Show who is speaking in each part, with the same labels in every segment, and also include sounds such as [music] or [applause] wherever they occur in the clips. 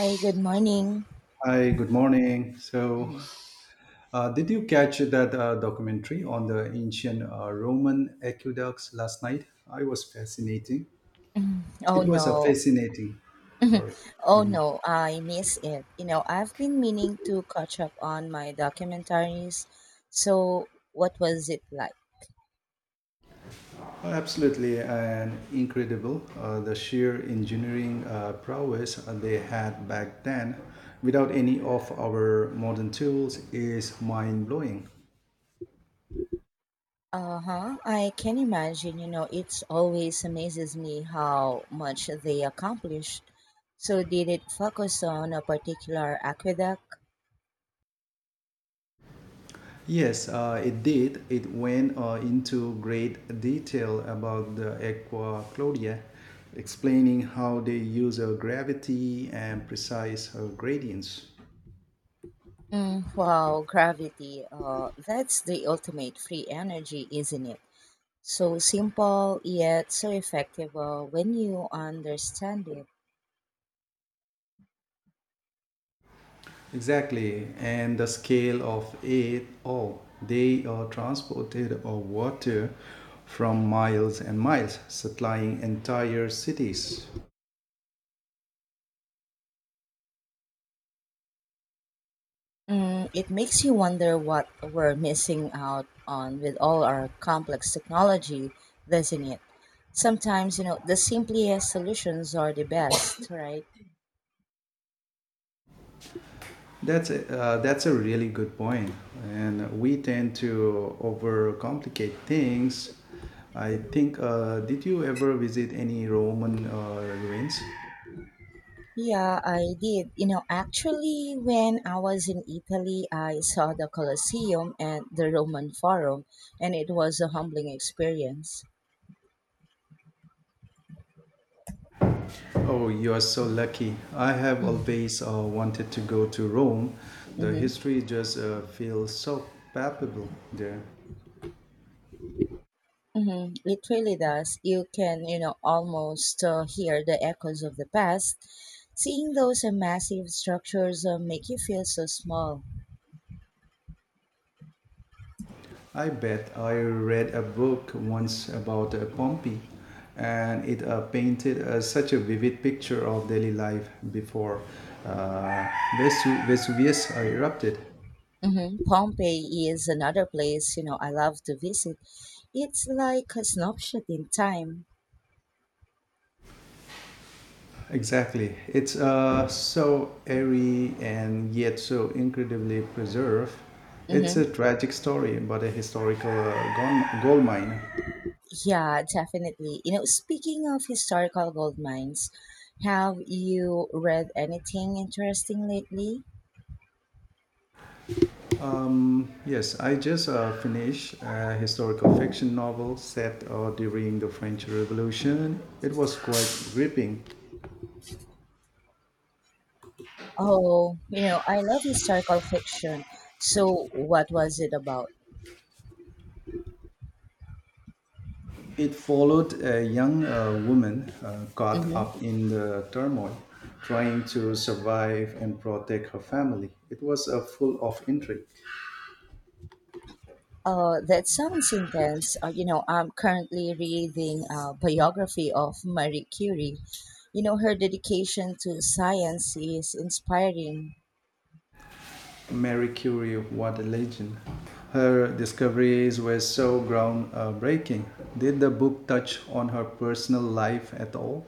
Speaker 1: Hi, good morning.
Speaker 2: Hi, good morning. So,
Speaker 1: Mhm.
Speaker 2: did you catch that documentary on the ancient Roman aqueducts last night? I was fascinating.
Speaker 1: Mhm. Oh
Speaker 2: It was a
Speaker 1: no.
Speaker 2: fascinating. Sorry.
Speaker 1: [laughs] Oh no, I miss it. You know, I've been meaning to catch up on my documentaries. So, what was it like?
Speaker 2: Absolutely and incredible. The sheer engineering prowess they had back then, without any of our modern tools, is mind blowing.
Speaker 1: Uh huh. I can imagine, you know, it's always amazes me how much they accomplish. So, did it focus on a particular aqueduct?
Speaker 2: Yes, it did. It went into great detail about the Aqua Claudia, explaining how they use gravity and precise gradients.
Speaker 1: Mm, wow, gravity. That's the ultimate free energy, isn't it? So simple yet so effective when you understand it.
Speaker 2: Exactly, and the scale of it all. They transported water from miles and miles, supplying entire cities.
Speaker 1: Mm, it makes you wonder what we're missing out on with all our complex technology, doesn't it? Sometimes, you know, the simplest solutions are the best, [coughs] right?
Speaker 2: That's a really good point, and we tend to overcomplicate things. I think. Did you ever visit any Roman ruins?
Speaker 1: Yeah, I did. You know, actually, when I was in Italy, I saw the Colosseum and the Roman Forum, and it was a humbling experience.
Speaker 2: Oh, you are so lucky. I have always wanted to go to Rome. The
Speaker 1: Mm-hmm.
Speaker 2: history just feels so palpable there.
Speaker 1: Mhm, it really does. You can, you know, almost hear the echoes of the past. Seeing those massive structures make you feel so small.
Speaker 2: I bet I read a book once about Pompeii, and it painted such a vivid picture of daily life before uh, Vesuvius erupted.
Speaker 1: Hmm. Pompeii is another place, you know, I love to visit. It's like a snapshot in time.
Speaker 2: Exactly. It's so airy and yet so incredibly preserved. It's
Speaker 1: Hmm.
Speaker 2: a tragic story, but a historical gold mine.
Speaker 1: Yeah, definitely. You know, speaking of historical gold mines, have you read anything interesting lately?
Speaker 2: Yes, I just finished a historical fiction novel set during the French Revolution. It was quite gripping.
Speaker 1: Oh, you know, I love historical fiction. So, what was it about?
Speaker 2: It followed a young woman caught
Speaker 1: Mm-hmm.
Speaker 2: up in the turmoil, trying to survive and protect her family. It was full of intrigue.
Speaker 1: That sounds intense. You know, I'm currently reading a biography of Marie Curie. You know, her dedication to science is inspiring.
Speaker 2: Mary Curie, what a legend! Her discoveries were so groundbreaking. Did the book touch on her personal life at all?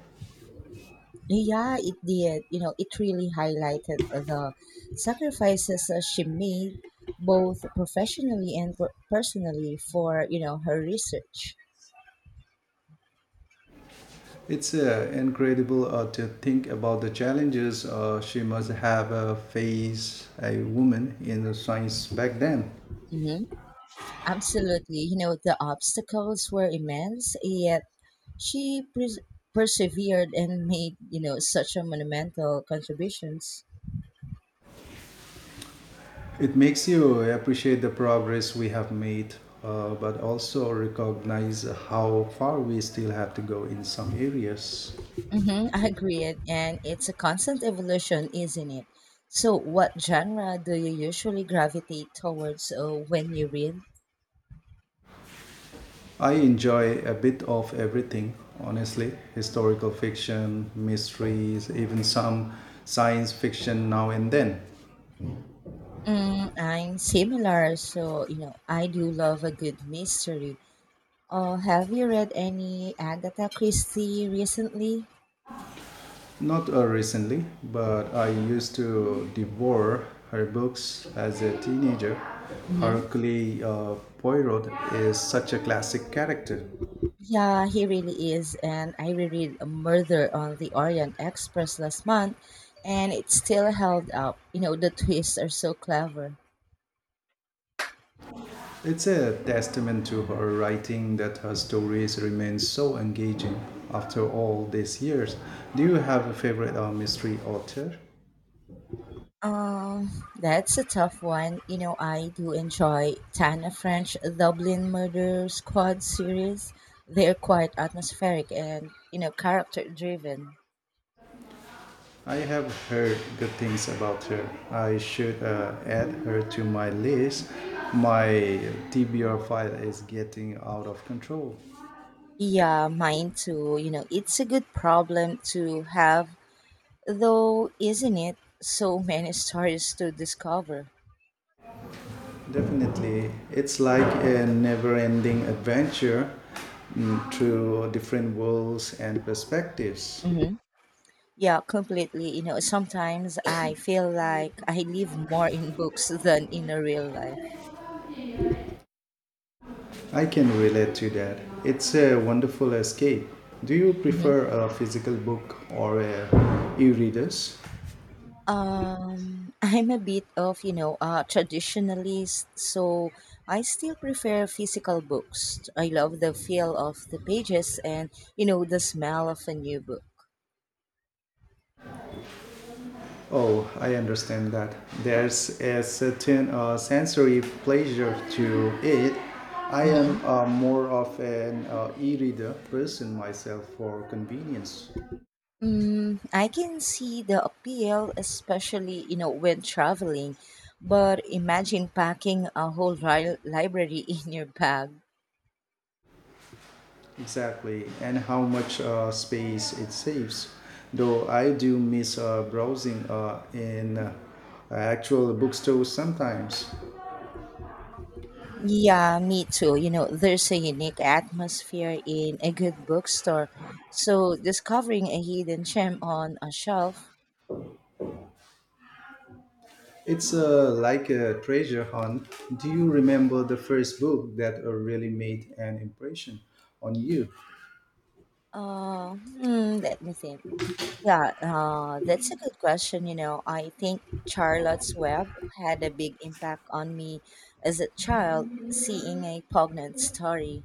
Speaker 1: Yeah, it did. You know, it really highlighted the sacrifices she made, both professionally and personally, for, you know, her research.
Speaker 2: It's incredible to think about the challenges she must have faced a woman in the science back then.
Speaker 1: Mm-hmm. Absolutely. You know, the obstacles were immense, yet She pres persevered and made, you know, such a monumental contributions.
Speaker 2: It makes you appreciate the progress we have made, but also recognize how far we still have to go in some areas.
Speaker 1: Mm-hmm, I agree it, and it's a constant evolution, isn't it? So, what genre do you usually gravitate towards when you read?
Speaker 2: I enjoy a bit of everything, honestly historical fiction, mysteries, even some science fiction now and then.
Speaker 1: Mm, I'm similar, so you know, I do love a good mystery. Have you read any Agatha Christie recently?
Speaker 2: Not recently, but I used to devour her books as a teenager.
Speaker 1: Mhm.
Speaker 2: Hercule Poirot is such a classic character.
Speaker 1: Yeah, he really is. And I reread A Murder on the Orient Express last month, and it still held up. You know, the twists are so clever.
Speaker 2: It's a testament to her writing that her stories remain so engaging after all these years. Do you have a favorite mystery author?
Speaker 1: Um, that's a tough one. You know, I do enjoy Tana French Dublin Murder Squad series. They're quite atmospheric and, you know, character driven.
Speaker 2: I have heard good things about her. I should add her to my list. My TBR file is getting out of control.
Speaker 1: Yeah, mine too. You know, it's a good problem to have, though, isn't it? So many stories to discover.
Speaker 2: Definitely. It's like a never ending adventure mm, through different worlds and perspectives.
Speaker 1: Mhm. Yeah, completely. You know, sometimes I feel like I live more in books [laughs] than in a real life.
Speaker 2: I can relate to that. It's a wonderful escape. Do you
Speaker 1: Hmm.
Speaker 2: prefer a physical book or a e-readers?
Speaker 1: I'm a bit of, you know, a traditionalist, so I still prefer physical books. I love the feel of the pages and, you know, the smell of a new book.
Speaker 2: Oh, I understand that. There's a certain sensory pleasure to it. I am
Speaker 1: Hmm.
Speaker 2: more of an e-reader person myself for convenience.
Speaker 1: Mm, I can see the appeal, especially, you know, when traveling. But imagine packing a whole library [laughs] in your bag.
Speaker 2: Exactly, and how much space it saves. Though I do miss browsing in actual bookstores sometimes.
Speaker 1: Yeah, me too. You know, there's a unique atmosphere in a good bookstore. So discovering a hidden gem on a shelf.
Speaker 2: It's like a treasure hunt. Do you remember the first book that really made an impression on you?
Speaker 1: Let me think. Yeah, that's a good question. You know, I think Charlotte's Web had a big impact on me as a child, seeing a poignant story.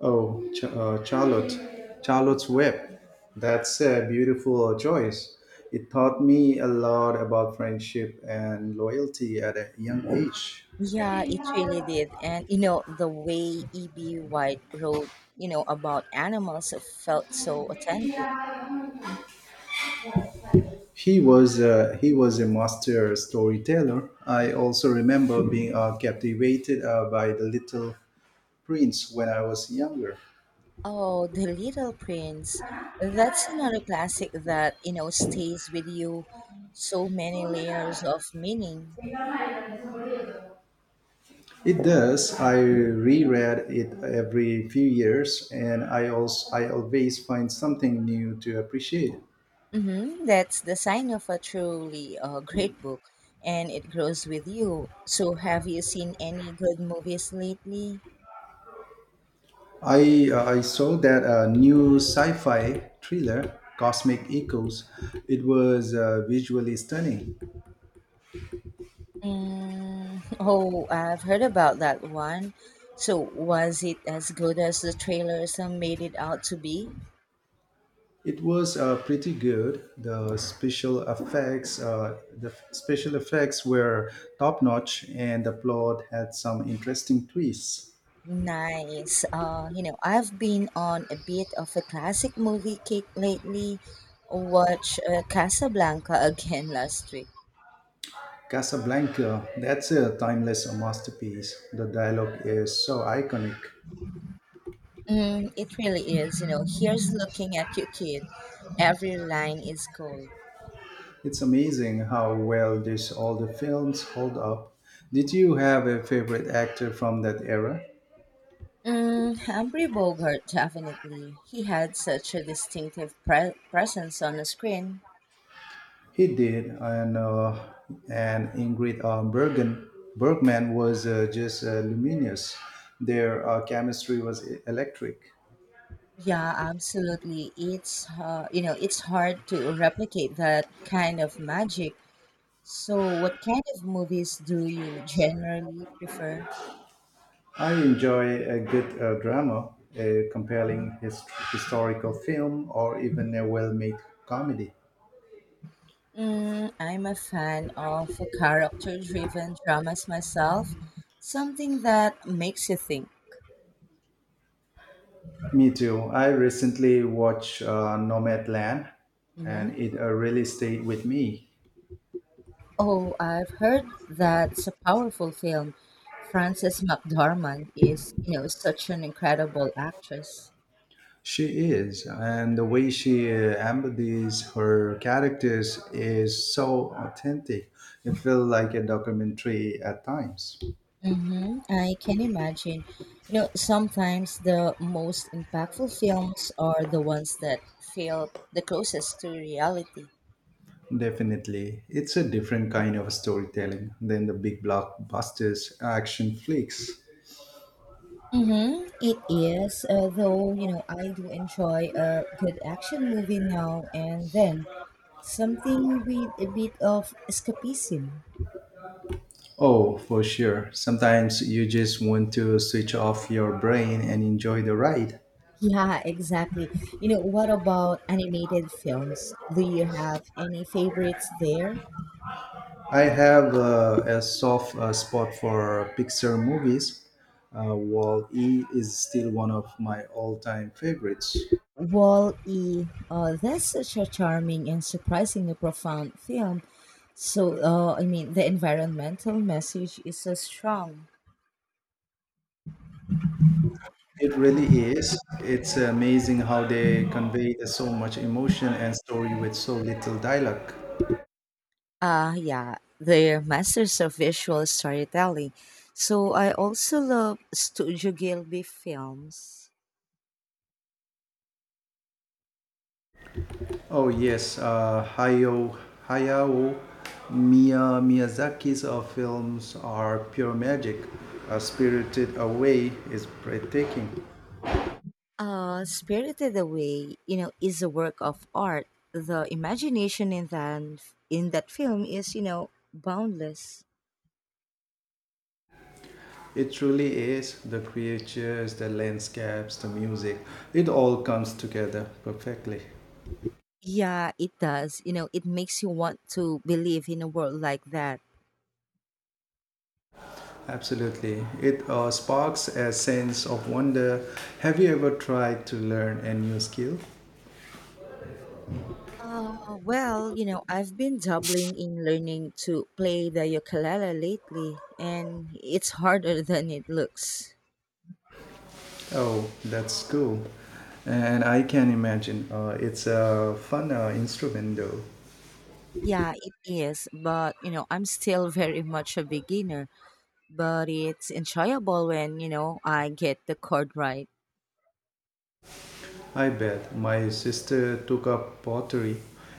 Speaker 2: Oh, Charlotte's Web. That's a beautiful choice. It taught me a lot about friendship and loyalty at a young age.
Speaker 1: Yeah, it really did. And, you know, the way E.B. White wrote, you know, about animals felt so authentic.
Speaker 2: He was a master storyteller. I also remember being captivated by the Little Prince when I was younger.
Speaker 1: Oh, The Little Prince. That's another classic that, you know, stays with you so many layers of meaning.
Speaker 2: It does. I reread it every few years, and I always find something new to appreciate.
Speaker 1: Hmm. That's the sign of a truly great book, and it grows with you. So, have you seen any good movies lately?
Speaker 2: I saw that new sci-fi thriller, Cosmic Echoes. It was visually stunning.
Speaker 1: Mm, [laughs] oh, I've heard about that one. So, was it as good as the trailers made it out to be?
Speaker 2: It was pretty good. The special effects were top notch, and the plot had some interesting twists.
Speaker 1: Nice. You know, I've been on a bit of a classic movie kick lately. Watch Casablanca [laughs] again last week.
Speaker 2: Casablanca, that's a timeless masterpiece. The dialogue is so iconic.
Speaker 1: Mm, it really is. You know, here's looking at you, kid. Every line is gold.
Speaker 2: It's amazing how well these older films hold up. Did you have a favorite actor from that era?
Speaker 1: Mm, Humphrey Bogart, definitely. He had such a distinctive presence on the screen.
Speaker 2: He did, and Ingrid Bergen Bergman was just luminous. Their chemistry was electric.
Speaker 1: Yeah, absolutely. It's hard to replicate that kind of magic. So, what kind of movies do you generally prefer?
Speaker 2: I enjoy a good drama, a compelling historical film, or even a well-made comedy.
Speaker 1: Mm, I'm a fan of character driven dramas myself, something that makes you think.
Speaker 2: Me too. I recently watched Nomadland,
Speaker 1: Hmm.
Speaker 2: and it really stayed with me.
Speaker 1: Oh, I've heard that's a powerful film. Frances McDormand is, you know, such an incredible actress.
Speaker 2: She is, and the way she embodies her characters is so authentic. It feels like a documentary at times.
Speaker 1: Hmm. I can imagine. You know, sometimes the most impactful films are the ones that feel the closest to reality.
Speaker 2: Definitely, it's a different kind of storytelling than the big blockbusters action flicks.
Speaker 1: Mm-hmm. It is, though, you know, I do enjoy a good action movie now and then. Something with a bit of escapism.
Speaker 2: Oh, for sure. Sometimes you just want to switch off your brain and enjoy the ride.
Speaker 1: Yeah, exactly. You know, what about animated films? Do you have any favorites there?
Speaker 2: I have a soft spot for Pixar movies. Wall E is still one of my all time favorites.
Speaker 1: Wall-E, that's such a charming and surprisingly profound film. So, I mean, the environmental message is so strong.
Speaker 2: It really is. It's amazing how they convey so much emotion and story with so little dialogue.
Speaker 1: Yeah, they're masters of visual storytelling. So I also love Studio Gilby films.
Speaker 2: Oh, yes, Hayao Miyazaki's films are pure magic. Spirited Away is breathtaking.
Speaker 1: Spirited Away, you know, is a work of art. The imagination in that film is, you know, boundless.
Speaker 2: It truly is the creatures, the landscapes, the music. It all comes together perfectly.
Speaker 1: Yeah, it does. You know, it makes you want to believe in a world like that.
Speaker 2: Absolutely. It sparks a sense of wonder. Have you ever tried to learn a new skill?
Speaker 1: Uh, well, I've been dabbling in learning to play the ukulele lately, and it's harder than it looks.
Speaker 2: Oh, that's cool. And I can imagine it's a fun instrument though.
Speaker 1: Yeah, it is, but you know, I'm still [laughs] very much a beginner, but it's enjoyable when, you know, I get the chord right.
Speaker 2: I bet my sister took up pottery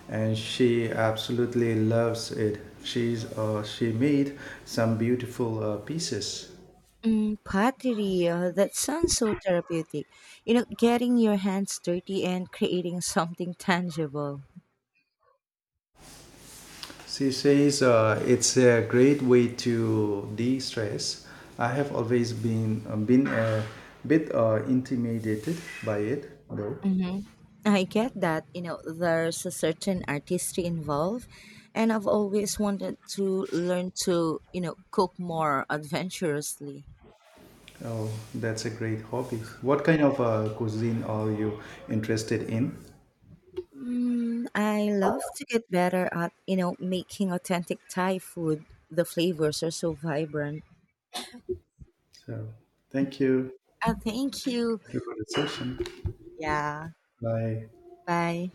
Speaker 2: and she absolutely loves it. She made some beautiful pieces.
Speaker 1: Mm, pottery, that sounds so therapeutic. You know, getting your hands dirty and creating something tangible.
Speaker 2: She says it's a great way to de-stress. I have always been a bit intimidated by it, though.
Speaker 1: Hmm. I get that, you know, there's a certain artistry involved, and I've always wanted to learn to, you know, cook more adventurously.
Speaker 2: Oh, that's a great hobby. What kind of cuisine are you interested in?
Speaker 1: Mm, I love to get better at, you know, making authentic Thai food. The flavors are so vibrant.
Speaker 2: So, thank you.
Speaker 1: Thank you.
Speaker 2: Thank you for the session.
Speaker 1: Yeah.
Speaker 2: Bye.
Speaker 1: Bye.